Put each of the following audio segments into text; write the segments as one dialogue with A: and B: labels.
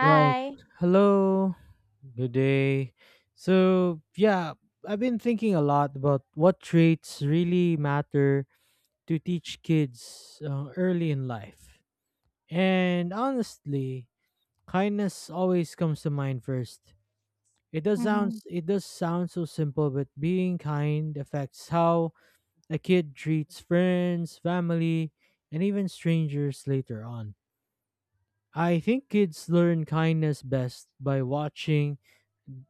A: Right. Hello. Good day. So, I've been thinking a lot about what traits really matter to teach kids early in life. And honestly, kindness always comes to mind first.
B: hmm
A: It does sound so simple, but being kind affects how a kid treats friends, family, and even strangers later on. I think kids learn kindness best by watching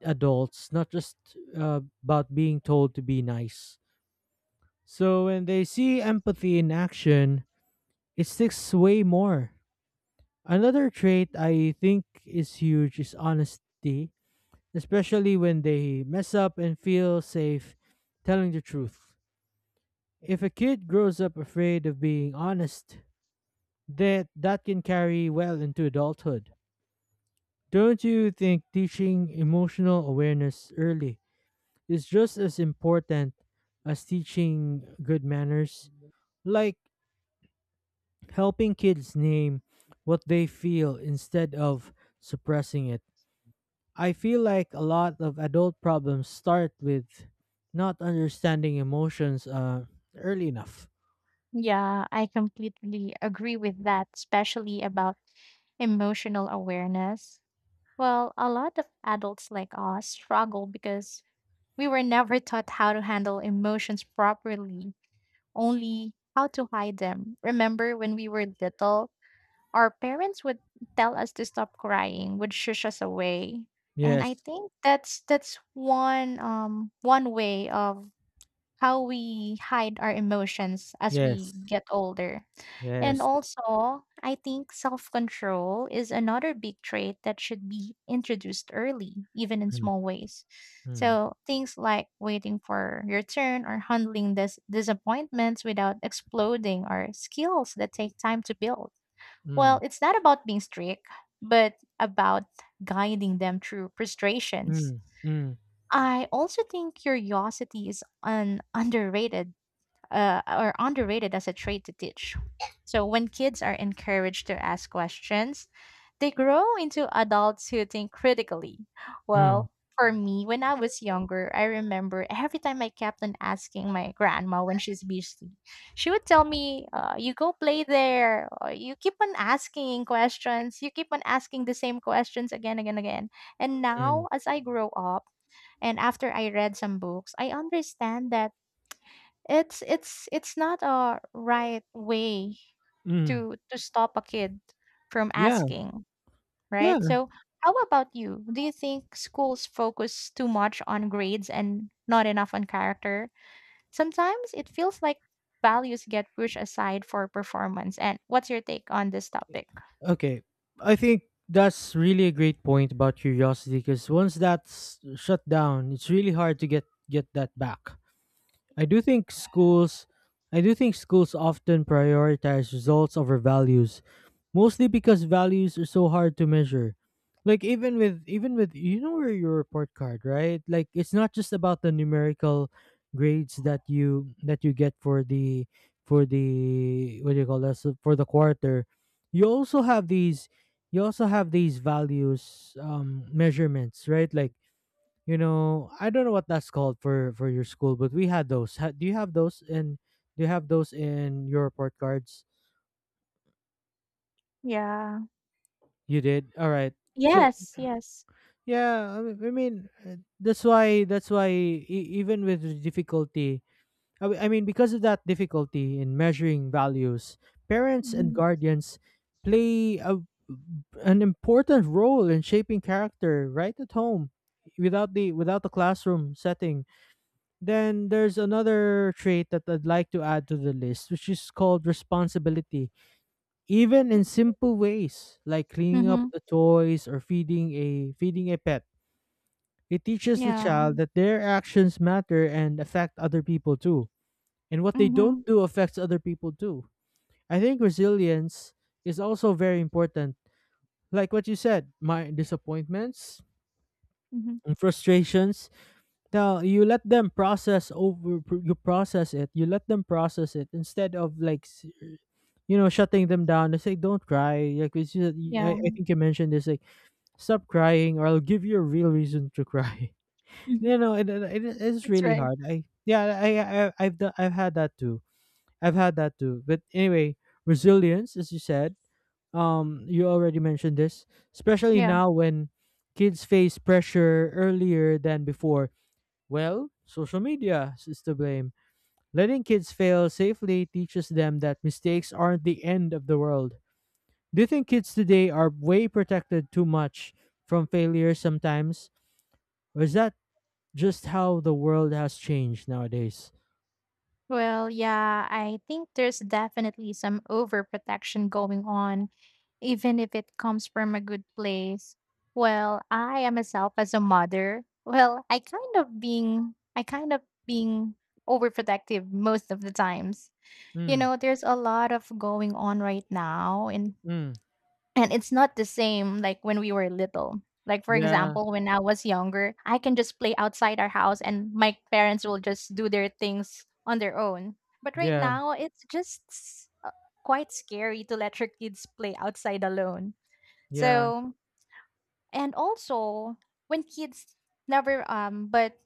A: adults, not just about being told to be nice. So when they see empathy in action, it sticks way more. Another trait I think is huge is honesty, especially when they mess up and feel safe telling the truth. If a kid grows up afraid of being honest, that can carry well into adulthood. Don't you think teaching emotional awareness early is just as important as teaching good manners, like helping kids name what they feel instead of suppressing it. I feel like a lot of adult problems start with not understanding emotions early enough.
B: Yeah, I completely agree with that, especially about emotional awareness. Well, a lot of adults like us struggle because we were never taught how to handle emotions properly, only how to hide them. Remember when we were little, our parents would tell us to stop crying, would shush us away. And
A: Yes,
B: I think that's one way of how we hide our emotions as
A: yes,
B: we get older. And
A: yes.
B: also, I think self control is another big trait that should be introduced early, even in
A: Mm,
B: small ways.
A: mm,
B: So, things like waiting for your turn or handling this disappointments without exploding are skills that take time to build.
A: mm,
B: Well, it's not about being strict, but about guiding them through frustrations.
A: mm, mm,
B: I also think curiosity is an underrated as a trait to teach. So when kids are encouraged to ask questions, they grow into adults who think critically.
A: mm,
B: Well, for me, when I was younger, I remember every time I kept on asking my grandma when she's busy, she would tell me, "You go play there. Or you keep on asking questions. You keep on asking the same questions again, again, again." And
A: mm,
B: now, as I grow up, and after I read some books, I understand that it's not a right way
A: mm.
B: to stop a kid from
A: Yeah,
B: asking, right?
A: yeah.
B: So how about you? Do you think schools focus too much on grades and not enough on character? Sometimes it feels like values get pushed aside for performance. And what's your take on this topic?
A: Okay. I think that's really a great point about curiosity because once that's shut down, it's really hard to get that back. I do think schools I do think schools often prioritize results over values, mostly because values are so hard to measure. Like even with you know where your report card, right? Like it's not just about the numerical grades that you get for the what do you call this for the quarter. You also have these values measurements, right? Like you know I don't know what that's called for your school but we had those, do you have those in your report cards
B: Yeah.
A: you did all right so
B: Yes, yes.
A: I mean, that's why even with the difficulty I mean because of that difficulty in measuring values parents and
B: Mm-hmm.
A: guardians play an important role in shaping character right at home without the classroom setting. Then there's another trait that I'd like to add to the list, which is called responsibility. Even in simple ways, like cleaning up
B: Mm-hmm.
A: the toys or feeding a pet, it teaches the child
B: Yeah.
A: that their actions matter and affect other people too. And what they don't
B: Mm-hmm.
A: do affects other people too. I think resilience is also very important. Like what you said, my disappointments
B: Mm-hmm.
A: and frustrations. No, you let them process over pr- You process it. You let them process it instead of you know shutting them down. It's like don't cry. Like it's just,
B: Yeah.
A: I think you mentioned this like stop crying or I'll give you a real reason to cry.
B: hmm
A: you know it is
B: That's
A: really
B: right.
A: hard. I yeah I I've had that too. I've had that too. But anyway, resilience as you said. You already mentioned this, especially
B: Yeah.
A: now when kids face pressure earlier than before, well, social media is to blame. Letting kids fail safely teaches them that mistakes aren't the end of the world. Do you think kids today are way protected too much from failure sometimes? Or is that just how the world has changed nowadays?
B: Well, yeah, I think there's definitely some overprotection going on, even if it comes from a good place. Well, I am myself as a mother. Well, I kind of being overprotective most of the times. You
A: Mm,
B: know, there's a lot of going on right now in
A: mm,
B: and it's not the same like when we were little. Like for
A: yeah,
B: example, when I was younger, I can just play outside our house and my parents will just do their things on their own. But right
A: yeah,
B: now, it's just quite scary to let your kids play outside alone.
A: yeah.
B: So, and also when kids never but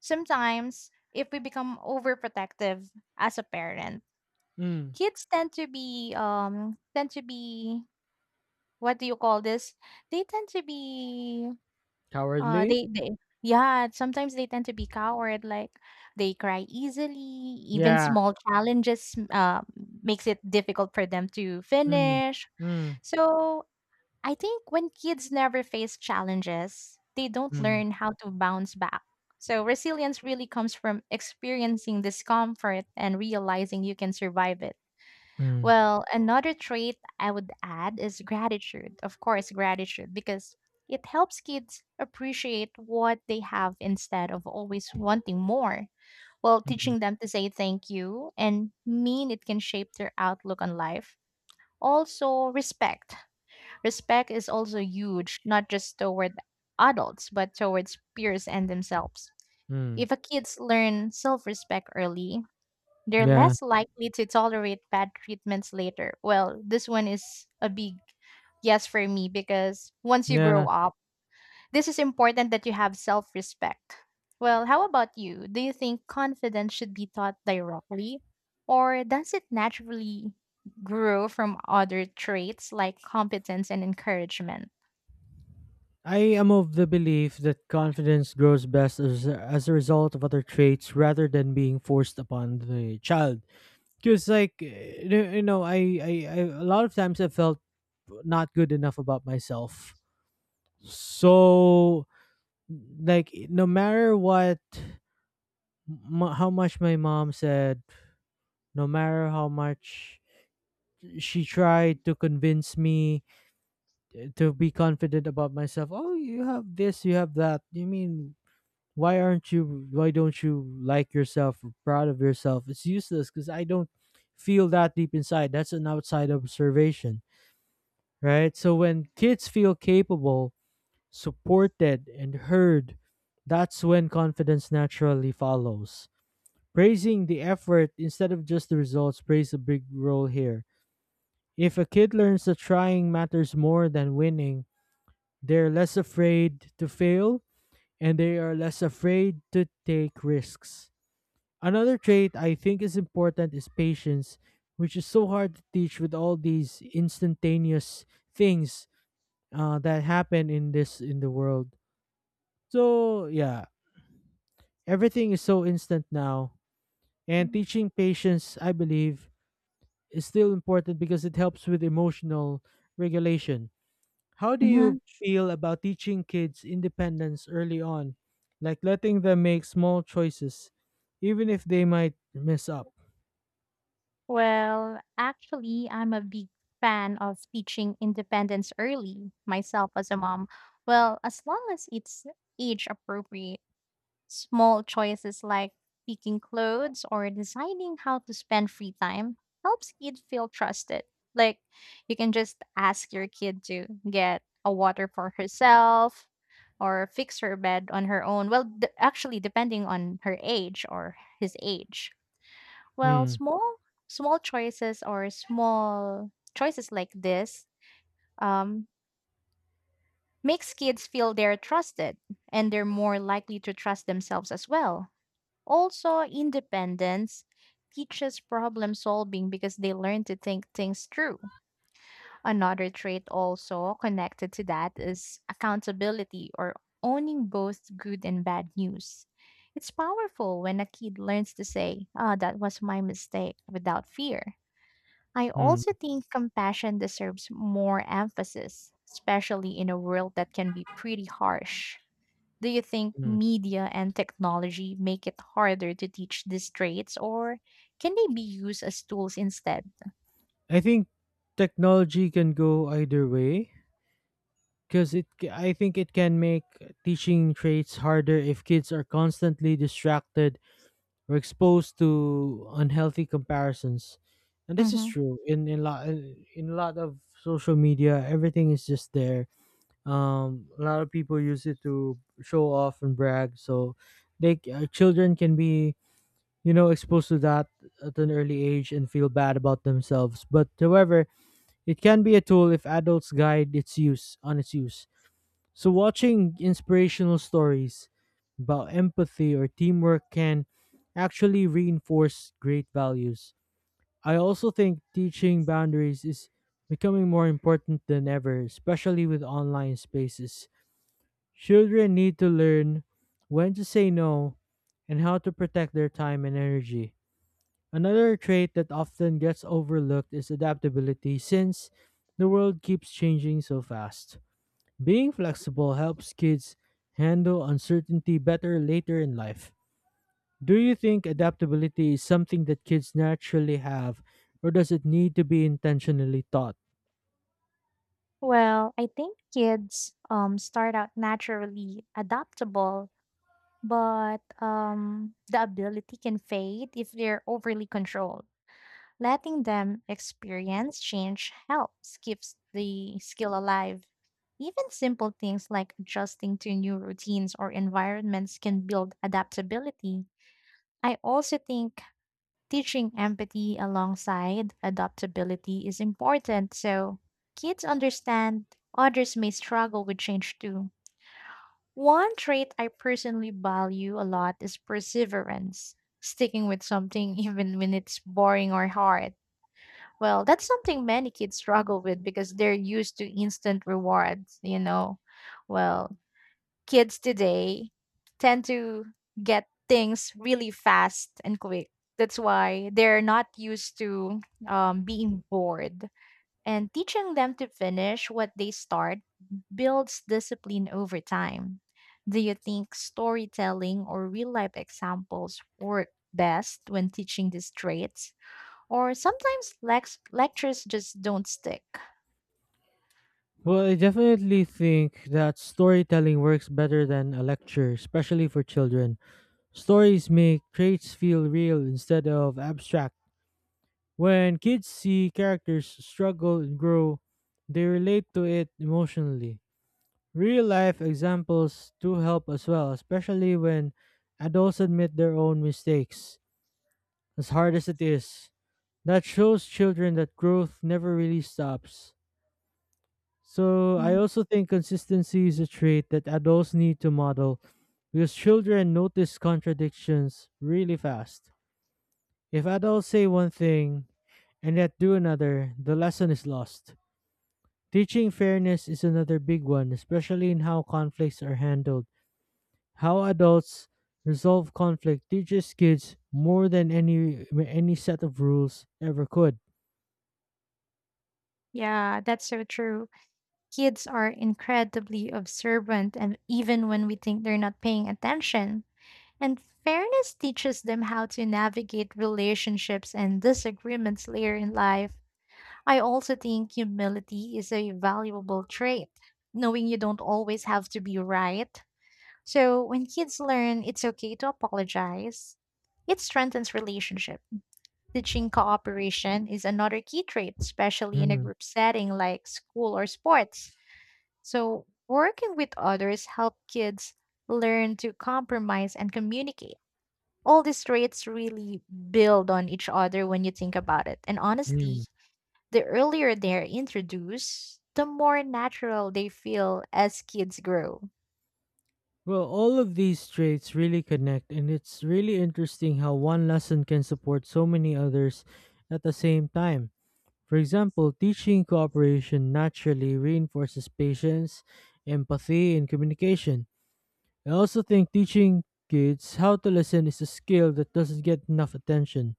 B: sometimes if we become overprotective as a parent,
A: Mm,
B: kids tend to be what do you call this? They tend to be
A: cowardly?
B: they yeah, sometimes they tend to be coward like they cry easily, even
A: Yeah.
B: small challenges makes it difficult for them to
A: Mm,
B: finish.
A: mm,
B: So, I think when kids never face challenges, they don't
A: mm,
B: learn how to bounce back. So, resilience really comes from experiencing discomfort and realizing you can survive it.
A: mm,
B: Well, another trait I would add is gratitude. Of course, gratitude, because it helps kids appreciate what they have instead of always wanting more. While
A: mm,
B: teaching them to say thank you and mean it can shape their outlook on life. Also, respect. Respect is also huge, not just toward adults, but towards peers and themselves.
A: mm.
B: If a kids learn self-respect early, they're
A: Yeah,
B: less likely to tolerate bad treatments later. Well, this one is a big yes for me because once you grow
A: yeah.
B: up, this is important that you have self respect. Well, how about you? Do you think confidence should be taught directly, or does it naturally grow from other traits like competence and encouragement?
A: I am of the belief that confidence grows best as a result of other traits rather than being forced upon the child. Because, you you know, a lot of times I felt not good enough about myself. So, like, no matter what, how much my mom said, no matter how much she tried to convince me to be confident about myself, oh, you have this, you have that. You mean why don't you like yourself or proud of yourself, it's useless because I don't feel that deep inside, that's an outside observation, right? So when kids feel capable, supported and heard, that's when confidence naturally follows. Praising the effort instead of just the results plays a big role here. If a kid learns that trying matters more than winning, they're less afraid to fail, and they are less afraid to take risks. Another trait I think is important is patience, which is so hard to teach with all these instantaneous things that happen in this in the world. So yeah, everything is so instant now, and teaching patience, I believe, is still important because it helps with emotional regulation. How do you feel about teaching kids independence early on, like letting them make small choices, even if they might mess up?
B: Well, actually, I'm a big fan of teaching independence early, myself as a mom. Well, as long as it's age appropriate, small choices like picking clothes or deciding how to spend free time helps kids feel trusted. Like, you can just ask your kid to get a water for herself or fix her bed on her own. Well, actually, depending on her age or his age well,
A: Hmm.
B: small choices like this um, makes kids feel they're trusted and they're more likely to trust themselves as well. Also, independence teaches problem solving because they learn to think things through. Another trait also connected to that is accountability or owning both good and bad news. It's powerful when a kid learns to say, ah, that was my mistake without fear. I
A: Hmm.
B: also think compassion deserves more emphasis, especially in a world that can be pretty harsh. Do you think
A: Hmm.
B: media and technology make it harder to teach these traits, or can they be used as tools instead?
A: I think technology can go either way because I think it can make teaching traits harder if kids are constantly distracted or exposed to unhealthy comparisons. And this is
B: Mhm.
A: true in lot in a lot of social media, everything is just there. Um, a lot of people use it to show off and brag, so children can be you know exposed to that at an early age and feel bad about themselves. But however, it can be a tool if adults guide its use. So watching inspirational stories about empathy or teamwork can actually reinforce great values. I also think teaching boundaries is becoming more important than ever, especially with online spaces. Children need to learn when to say no and how to protect their time and energy. Another trait that often gets overlooked is adaptability since the world keeps changing so fast. Being flexible helps kids handle uncertainty better later in life. Do you think adaptability is something that kids naturally have, or does it need to be intentionally taught?
B: Well, I think kids start out naturally adaptable, but the ability can fade if they're overly controlled. Letting them experience change helps keeps the skill alive. Even simple things like adjusting to new routines or environments can build adaptability. I also think teaching empathy alongside adaptability is important so kids understand others may struggle with change too. One trait I personally value a lot is perseverance, sticking with something even when it's boring or hard. Well, that's something many kids struggle with because they're used to instant rewards, you know. Well, kids today tend to get things really fast and quick. That's why they're not used to being bored. And teaching them to finish what they start builds discipline over time. Do you think storytelling or real life examples work best when teaching these traits? Or sometimes lectures just don't stick.
A: Well, I definitely think that storytelling works better than a lecture, especially for children. Stories make traits feel real instead of abstract. When kids see characters struggle and grow, they relate to it emotionally. Real life examples do help as well, especially when adults admit their own mistakes, as hard as it is. That shows children that growth never really stops. So, I
B: Mm.
A: also think consistency is a trait that adults need to model because children notice contradictions really fast. If adults say one thing and yet do another, the lesson is lost. Teaching fairness is another big one, especially in how conflicts are handled. How adults resolve conflict teaches kids more than any set of rules ever could.
B: Yeah, that's so true. Kids are incredibly observant, and even when we think they're not paying attention, and fairness teaches them how to navigate relationships and disagreements later in life. I also think humility is a valuable trait, knowing you don't always have to be right. So when kids learn it's okay to apologize, it strengthens relationships. Teaching cooperation is another key trait, especially in a
A: Mm,
B: group setting like school or sports. So, working with others help kids learn to compromise and communicate. All these traits really build on each other when you think about it. And honestly,
A: mm.
B: the earlier they're introduced, the more natural they feel as kids grow.
A: Well, all of these traits really connect, and it's really interesting how one lesson can support so many others at the same time. For example, teaching cooperation naturally reinforces patience, empathy, and communication. I also think teaching kids how to listen is a skill that doesn't get enough attention.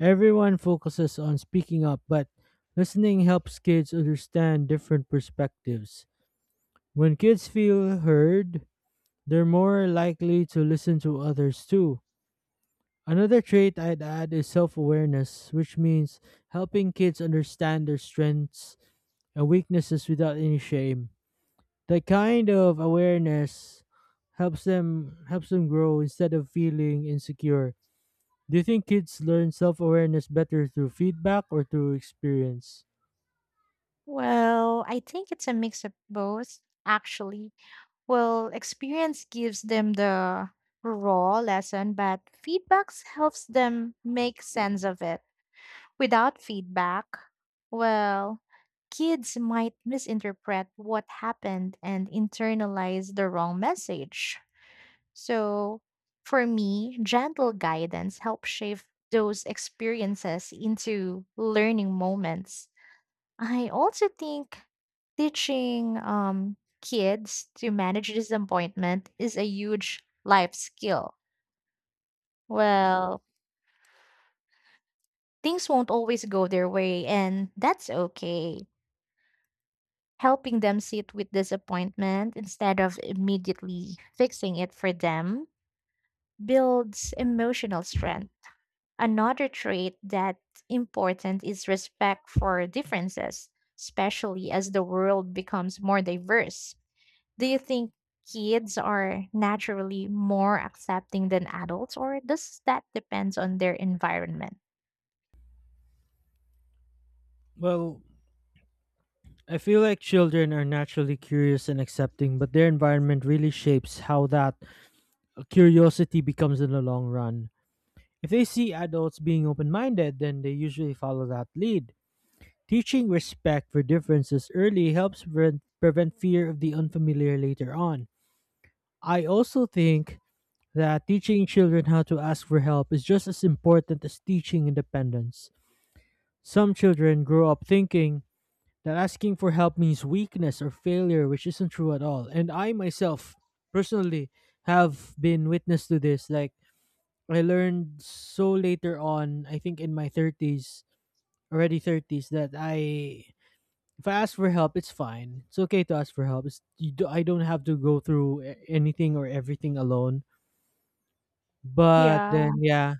A: Everyone focuses on speaking up, but listening helps kids understand different perspectives. When kids feel heard, they're more likely to listen to others too. Another trait I'd add is self awareness, which means helping kids understand their strengths and weaknesses without any shame. That kind of awareness helps them grow instead of feeling insecure. Do you think kids learn self-awareness better through feedback or through experience?
B: Well, I think it's a mix of both, actually. Well, experience gives them the raw lesson, but feedbacks helps them make sense of it. Without feedback, well, kids might misinterpret what happened and internalize the wrong message. So, for me, gentle guidance helps shape those experiences into learning moments. I also think teaching kids to manage disappointment is a huge life skill. Well, things won't always go their way, and that's okay. Helping them sit with disappointment instead of immediately fixing it for them builds emotional strength. Another trait that's important is respect for differences, especially as the world becomes more diverse. Do you think kids are naturally more accepting than adults, or does that depends on their environment?
A: Well, I feel like children are naturally curious and accepting, but their environment really shapes how that curiosity becomes in the long run. If they see adults being open-minded, then they usually follow that lead. Teaching respect for differences early helps prevent fear of the unfamiliar later on. I also think that teaching children how to ask for help is just as important as teaching independence. Some children grow up thinking that asking for help means weakness or failure, which isn't true at all. And I myself, personally, have been witness to this. Like, I learned so later on, I think in my 30s, already 30s, that I if I ask for help, it's fine. It's okay to ask for help. It's, I don't have to go through anything or everything alone. But
B: Yeah.
A: then, yeah,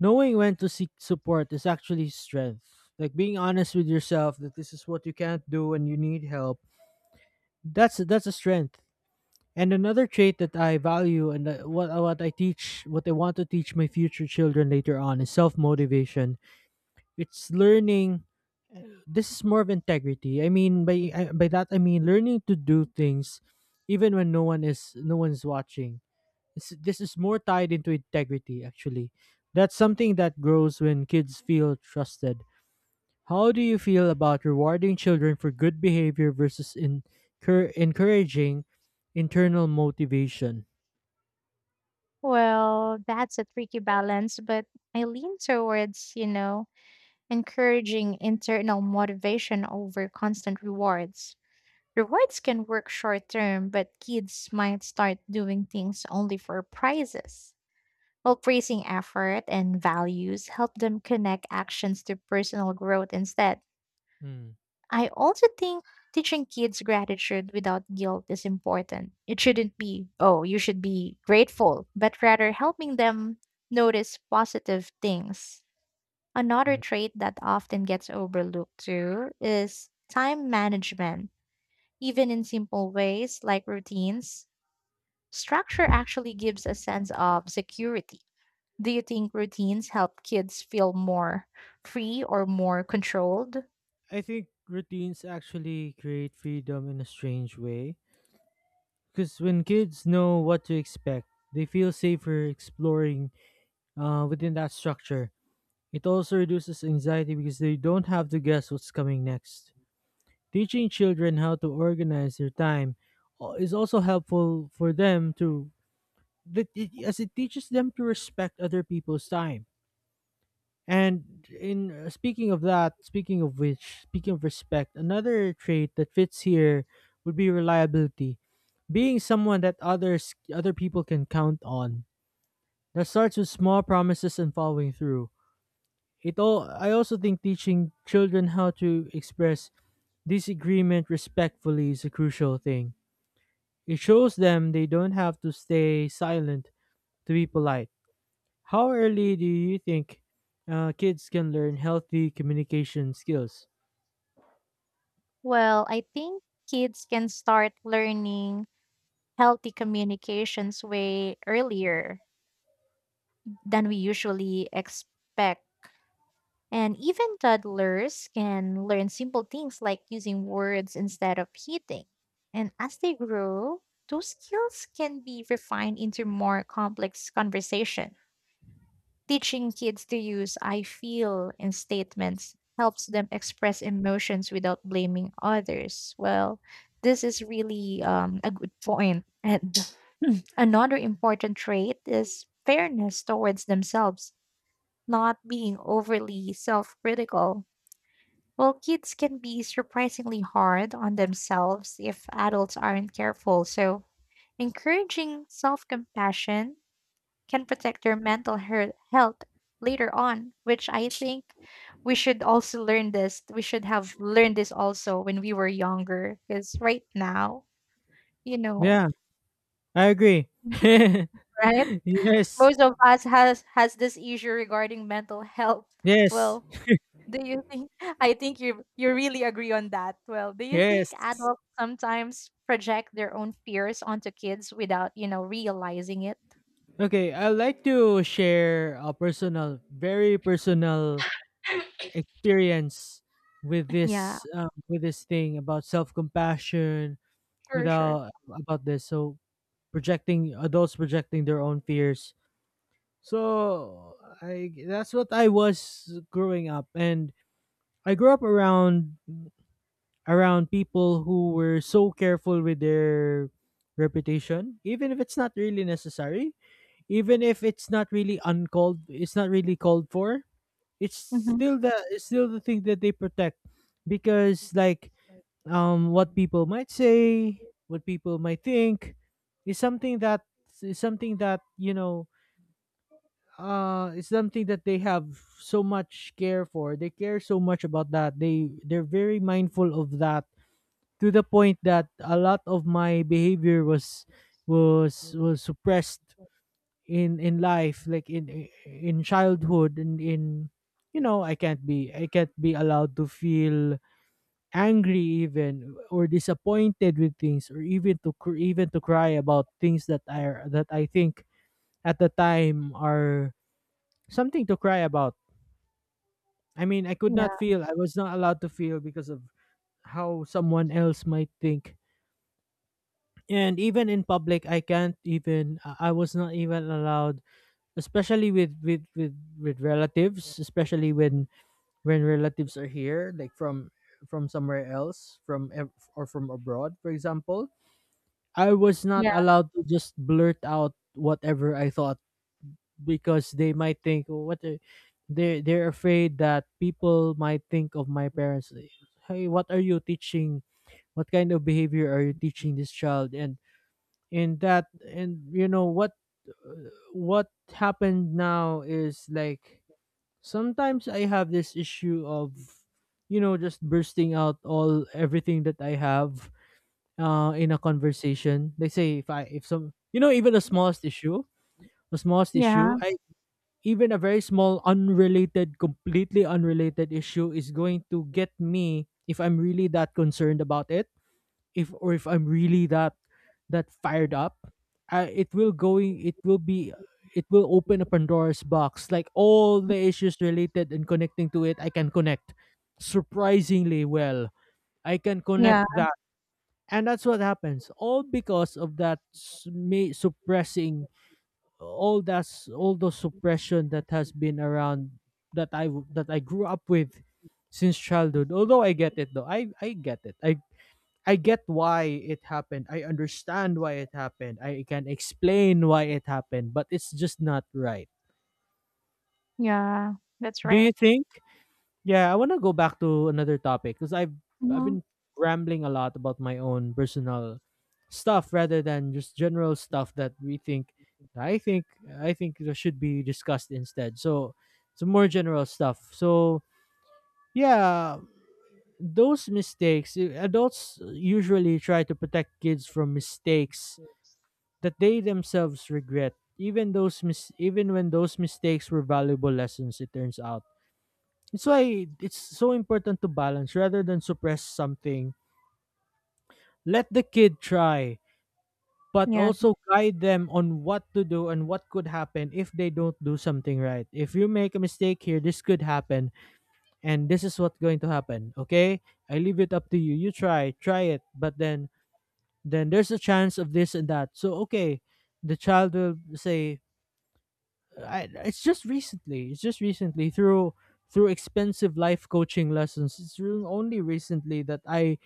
A: knowing when to seek support is actually strength. Like being honest with yourself that this is what you can't do and you need help. That's a strength. And another trait that I value and that what I teach, what I want to teach my future children later on is self motivation. It's learning, this is more of integrity. I mean, by by that I mean learning to do things even when no one's watching. This is more tied into integrity actually. That's something that grows when kids feel trusted. How do you feel about rewarding children for good behavior versus encouraging internal motivation?
B: Well, that's a tricky balance, but I lean towards, you know, encouraging internal motivation over constant rewards. Rewards can work short term, but kids might start doing things only for prizes. While praising effort and values help them connect actions to personal growth instead.
A: Mm,
B: I also think teaching kids gratitude without guilt is important. It shouldn't be, oh, you should be grateful, but rather helping them notice positive things. Another
A: mm.
B: trait that often gets overlooked too is time management. Even in simple ways like routines, structure actually gives a sense of security. Do you think routines help kids feel more free or more controlled?
A: I think routines actually create freedom in a strange way. Because when kids know what to expect, they feel safer exploring within that structure. It also reduces anxiety because they don't have to guess what's coming next. Teaching children how to organize their time is also helpful for them to as it teaches them to respect other people's time. And in speaking of that, speaking of which, speaking of respect, another trait that fits here would be reliability. Being someone that other people can count on. That starts with small promises and following through. It all I also think teaching children how to express disagreement respectfully is a crucial thing. It shows them they don't have to stay silent to be polite. How early do you think kids can learn healthy communication skills?
B: Well, I think kids can start learning healthy communications way earlier than we usually expect. And even toddlers can learn simple things like using words instead of hitting. And as they grow, those skills can be refined into more complex conversations. Teaching kids to use I feel in statements helps them express emotions without blaming others. Well, this is really a good point. And another important trait is fairness towards themselves, not being overly self critical. Well, kids can be surprisingly hard on themselves if adults aren't careful. So, encouraging self compassion can protect your mental health later on, which I think we should also learn this. We should have learned this also when we were younger, because right now, you know,
A: Yeah, I agree.
B: right?
A: Yes,
B: Most of us has this issue regarding mental health.
A: yes,
B: Well, do you think? I think you really agree on that. Well, do you think
A: yes.
B: adults sometimes project their own fears onto kids without you know realizing it?
A: Okay, I'd like to share a personal, very personal experience
B: Yeah,
A: with this thing about self-compassion,
B: sure, sure.
A: without about this. So, projecting, adults projecting their own fears. So I that's what I was growing up, and I grew up around people who were so careful with their reputation, even if it's not really necessary, even if it's not really uncalled, it's not really called for.
B: Mm-hmm.
A: It's still the thing that they protect because, like, what people might say, what people might think is something that is something that, you know, it's something that they have so much care for. They care so much about that. They're very mindful of that to the point that a lot of my behavior was suppressed in life, like in childhood, and in, you know, I can't be allowed to feel angry even, or disappointed with things, or even to even to cry about things that I think at the time are something to cry about. I mean,
B: Yeah,
A: I was not allowed to feel because of how someone else might think. And even in public I was not even allowed, especially with relatives, especially when relatives are here, like from somewhere else, from or from abroad, for example, I was not
B: yeah,
A: allowed to just blurt out whatever I thought because they might think, "Oh, what the-" they're afraid that people might think of my parents, like, hey, what are you teaching, what kind of behavior are you teaching this child, and that. And you know what what happened now is, like, sometimes I have this issue of, you know, just bursting out all everything that I have in a conversation, they say, if I if some you know, even the smallest issue, the smallest
B: yeah,
A: issue I even a very small unrelated, completely unrelated issue is going to get me if I'm really that concerned about it, if I'm really that that fired up, I, it will going it will be, it will open a Pandora's box. Like all the issues related and connecting to it, I can connect surprisingly well. I can connect
B: yeah.
A: that. And that's what happens. All because of that me suppressing all the suppression that has been around, that that I grew up with since childhood. Although I get it, though. I get it. I get why it happened. I understand why it happened. I can explain why it happened, but it's just not right.
B: Yeah, that's
A: Do you
B: right.
A: think? Yeah, I want to go back to another topic because I've
B: Mhm.
A: been rambling a lot about my own personal stuff rather than just general stuff that we think I think I think that should be discussed instead. So, some more general stuff. So, yeah, those mistakes, adults usually try to protect kids from mistakes that they themselves regret, even those even when those mistakes were valuable lessons, it turns out. It's why it's so important to balance rather than suppress something. Let the kid try, but
B: Yeah.
A: also guide them on what to do and what could happen if they don't do something right. If you make a mistake here, this could happen and this is what's going to happen, okay? I leave it up to you. You try, try it but then there's a chance of this and that, so okay, the child will say. It's just recently. It's just recently through through expensive life coaching lessons. It's really only recently that I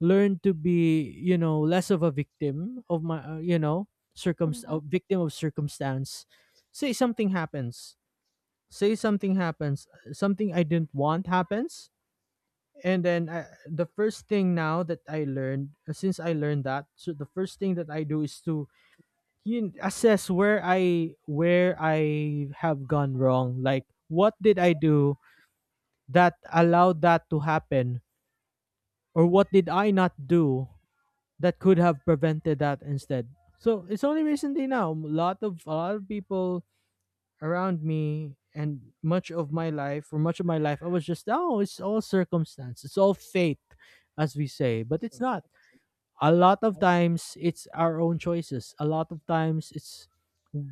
A: learned to be, you know, less of a victim of my, you know, circum
B: Mhm.
A: victim of circumstance. Say something happens. Say something happens. Something I didn't want happens. And then the first thing now that I learned, since I learned that, so the first thing that I do is to you assess where I have gone wrong. Like, what did I do that allowed that to happen? Or what did I not do that could have prevented that instead? So it's only recently now. A lot of people around me, and much of my life, for much of my life, I was just, oh, it's all circumstance. It's all fate, as we say. But it's not. A lot of times it's our own choices. A lot of times it's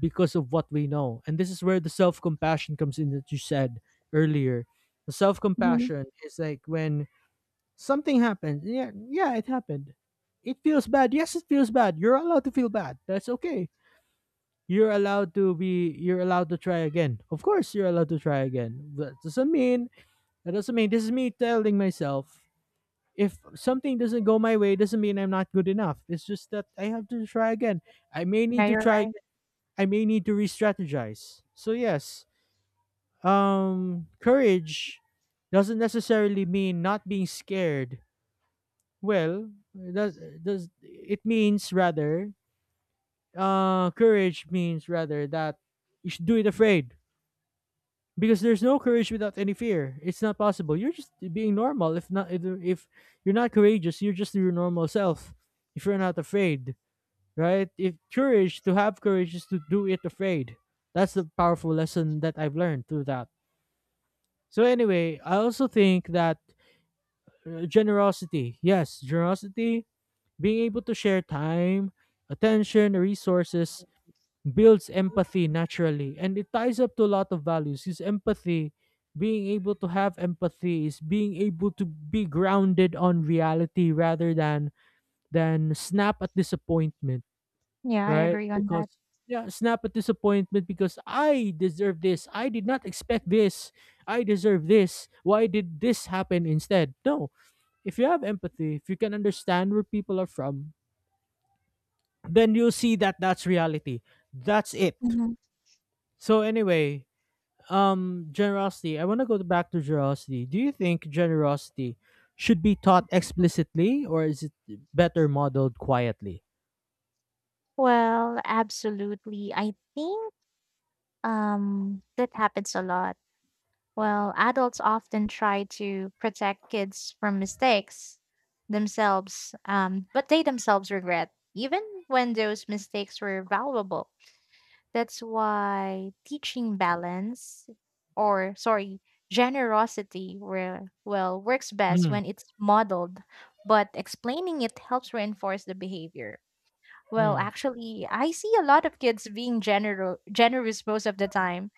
A: because of what we know. And this is where the self compassion comes in that you said earlier. The self
B: Mhm.
A: compassion is like, when something happens. Yeah, yeah, it happened. It feels bad. Yes, it feels bad. You're allowed to feel bad. That's okay. You're allowed to be. You're allowed to try again. Of course, you're allowed to try again. That doesn't mean, that doesn't mean — this is me telling myself — if something doesn't go my way, doesn't mean I'm not good enough. It's just that I have to try again. I may need
B: Yeah,
A: to
B: you're
A: try
B: right.
A: I may need to re-strategize. So yes, courage doesn't necessarily mean not being scared. Well, it does, it means rather, courage means rather that you should do it afraid, because there's no courage without any fear. It's not possible. You're just being normal. If you're not courageous, you're just your normal self. If you're not afraid, right? If courage, to have courage is to do it afraid. That's the powerful lesson that I've learned through that. So anyway, I also think that generosity, being able to share time, attention, resources, builds empathy naturally and it ties up to a lot of values. Is empathy, being able to have empathy is being able to be grounded on reality rather than snap at disappointment.
B: Yeah, I
A: Right?
B: agree on that.
A: Because, yeah, snap at disappointment, because I deserve this. I did not expect this. I deserve this. Why did this happen instead? No. If you have empathy, if you can understand where people are from, then you'll see that that's reality. That's it.
B: Mhm.
A: So anyway, generosity. I want to go back to generosity. Do you think generosity should be taught explicitly, or is it better modeled quietly?
B: Well, absolutely. I think that happens a lot. Well, adults often try to protect kids from mistakes themselves, but they themselves regret, even when those mistakes were valuable. That's why teaching balance or sorry, generosity where well works best
A: Mm,
B: when it's modeled, but explaining it helps reinforce the behavior. Well,
A: mm.
B: actually, I see a lot of kids being generous most of the time.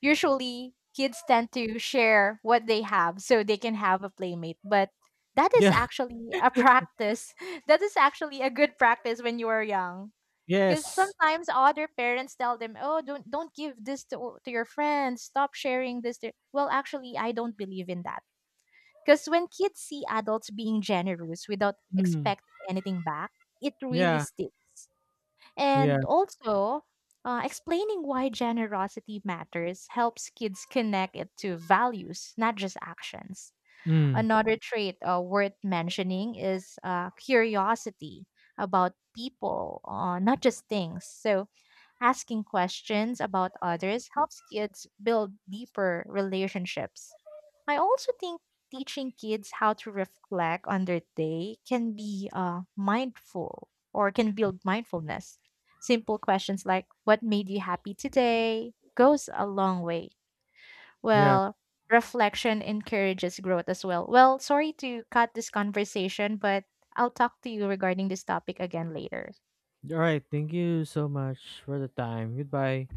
B: Usually, kids tend to share what they have so they can have a playmate, but that is
A: Yeah.
B: actually a practice. That is actually a good practice when you are young because
A: Yes.
B: sometimes other parents tell them, "Oh, don't give this to your friends. Stop sharing this." To... Well, actually, I don't believe in that. Because when kids see adults being generous without
A: Mm,
B: expecting anything back, it really
A: yeah.
B: sticks.
A: Yeah.
B: And also, explaining why generosity matters helps kids connect it to values, not just actions.
A: Mm.
B: Another trait worth mentioning is curiosity about people, not just things. So, asking questions about others helps kids build deeper relationships. I also think teaching kids how to reflect on their day can be mindful or can build mindfulness. Simple questions like, What made you happy today? Goes a long way.
A: Yeah.
B: Well, reflection encourages growth as well. Well, sorry to cut this conversation, but I'll talk to you regarding this topic again later.
A: All right. Thank you so much for the time. Goodbye.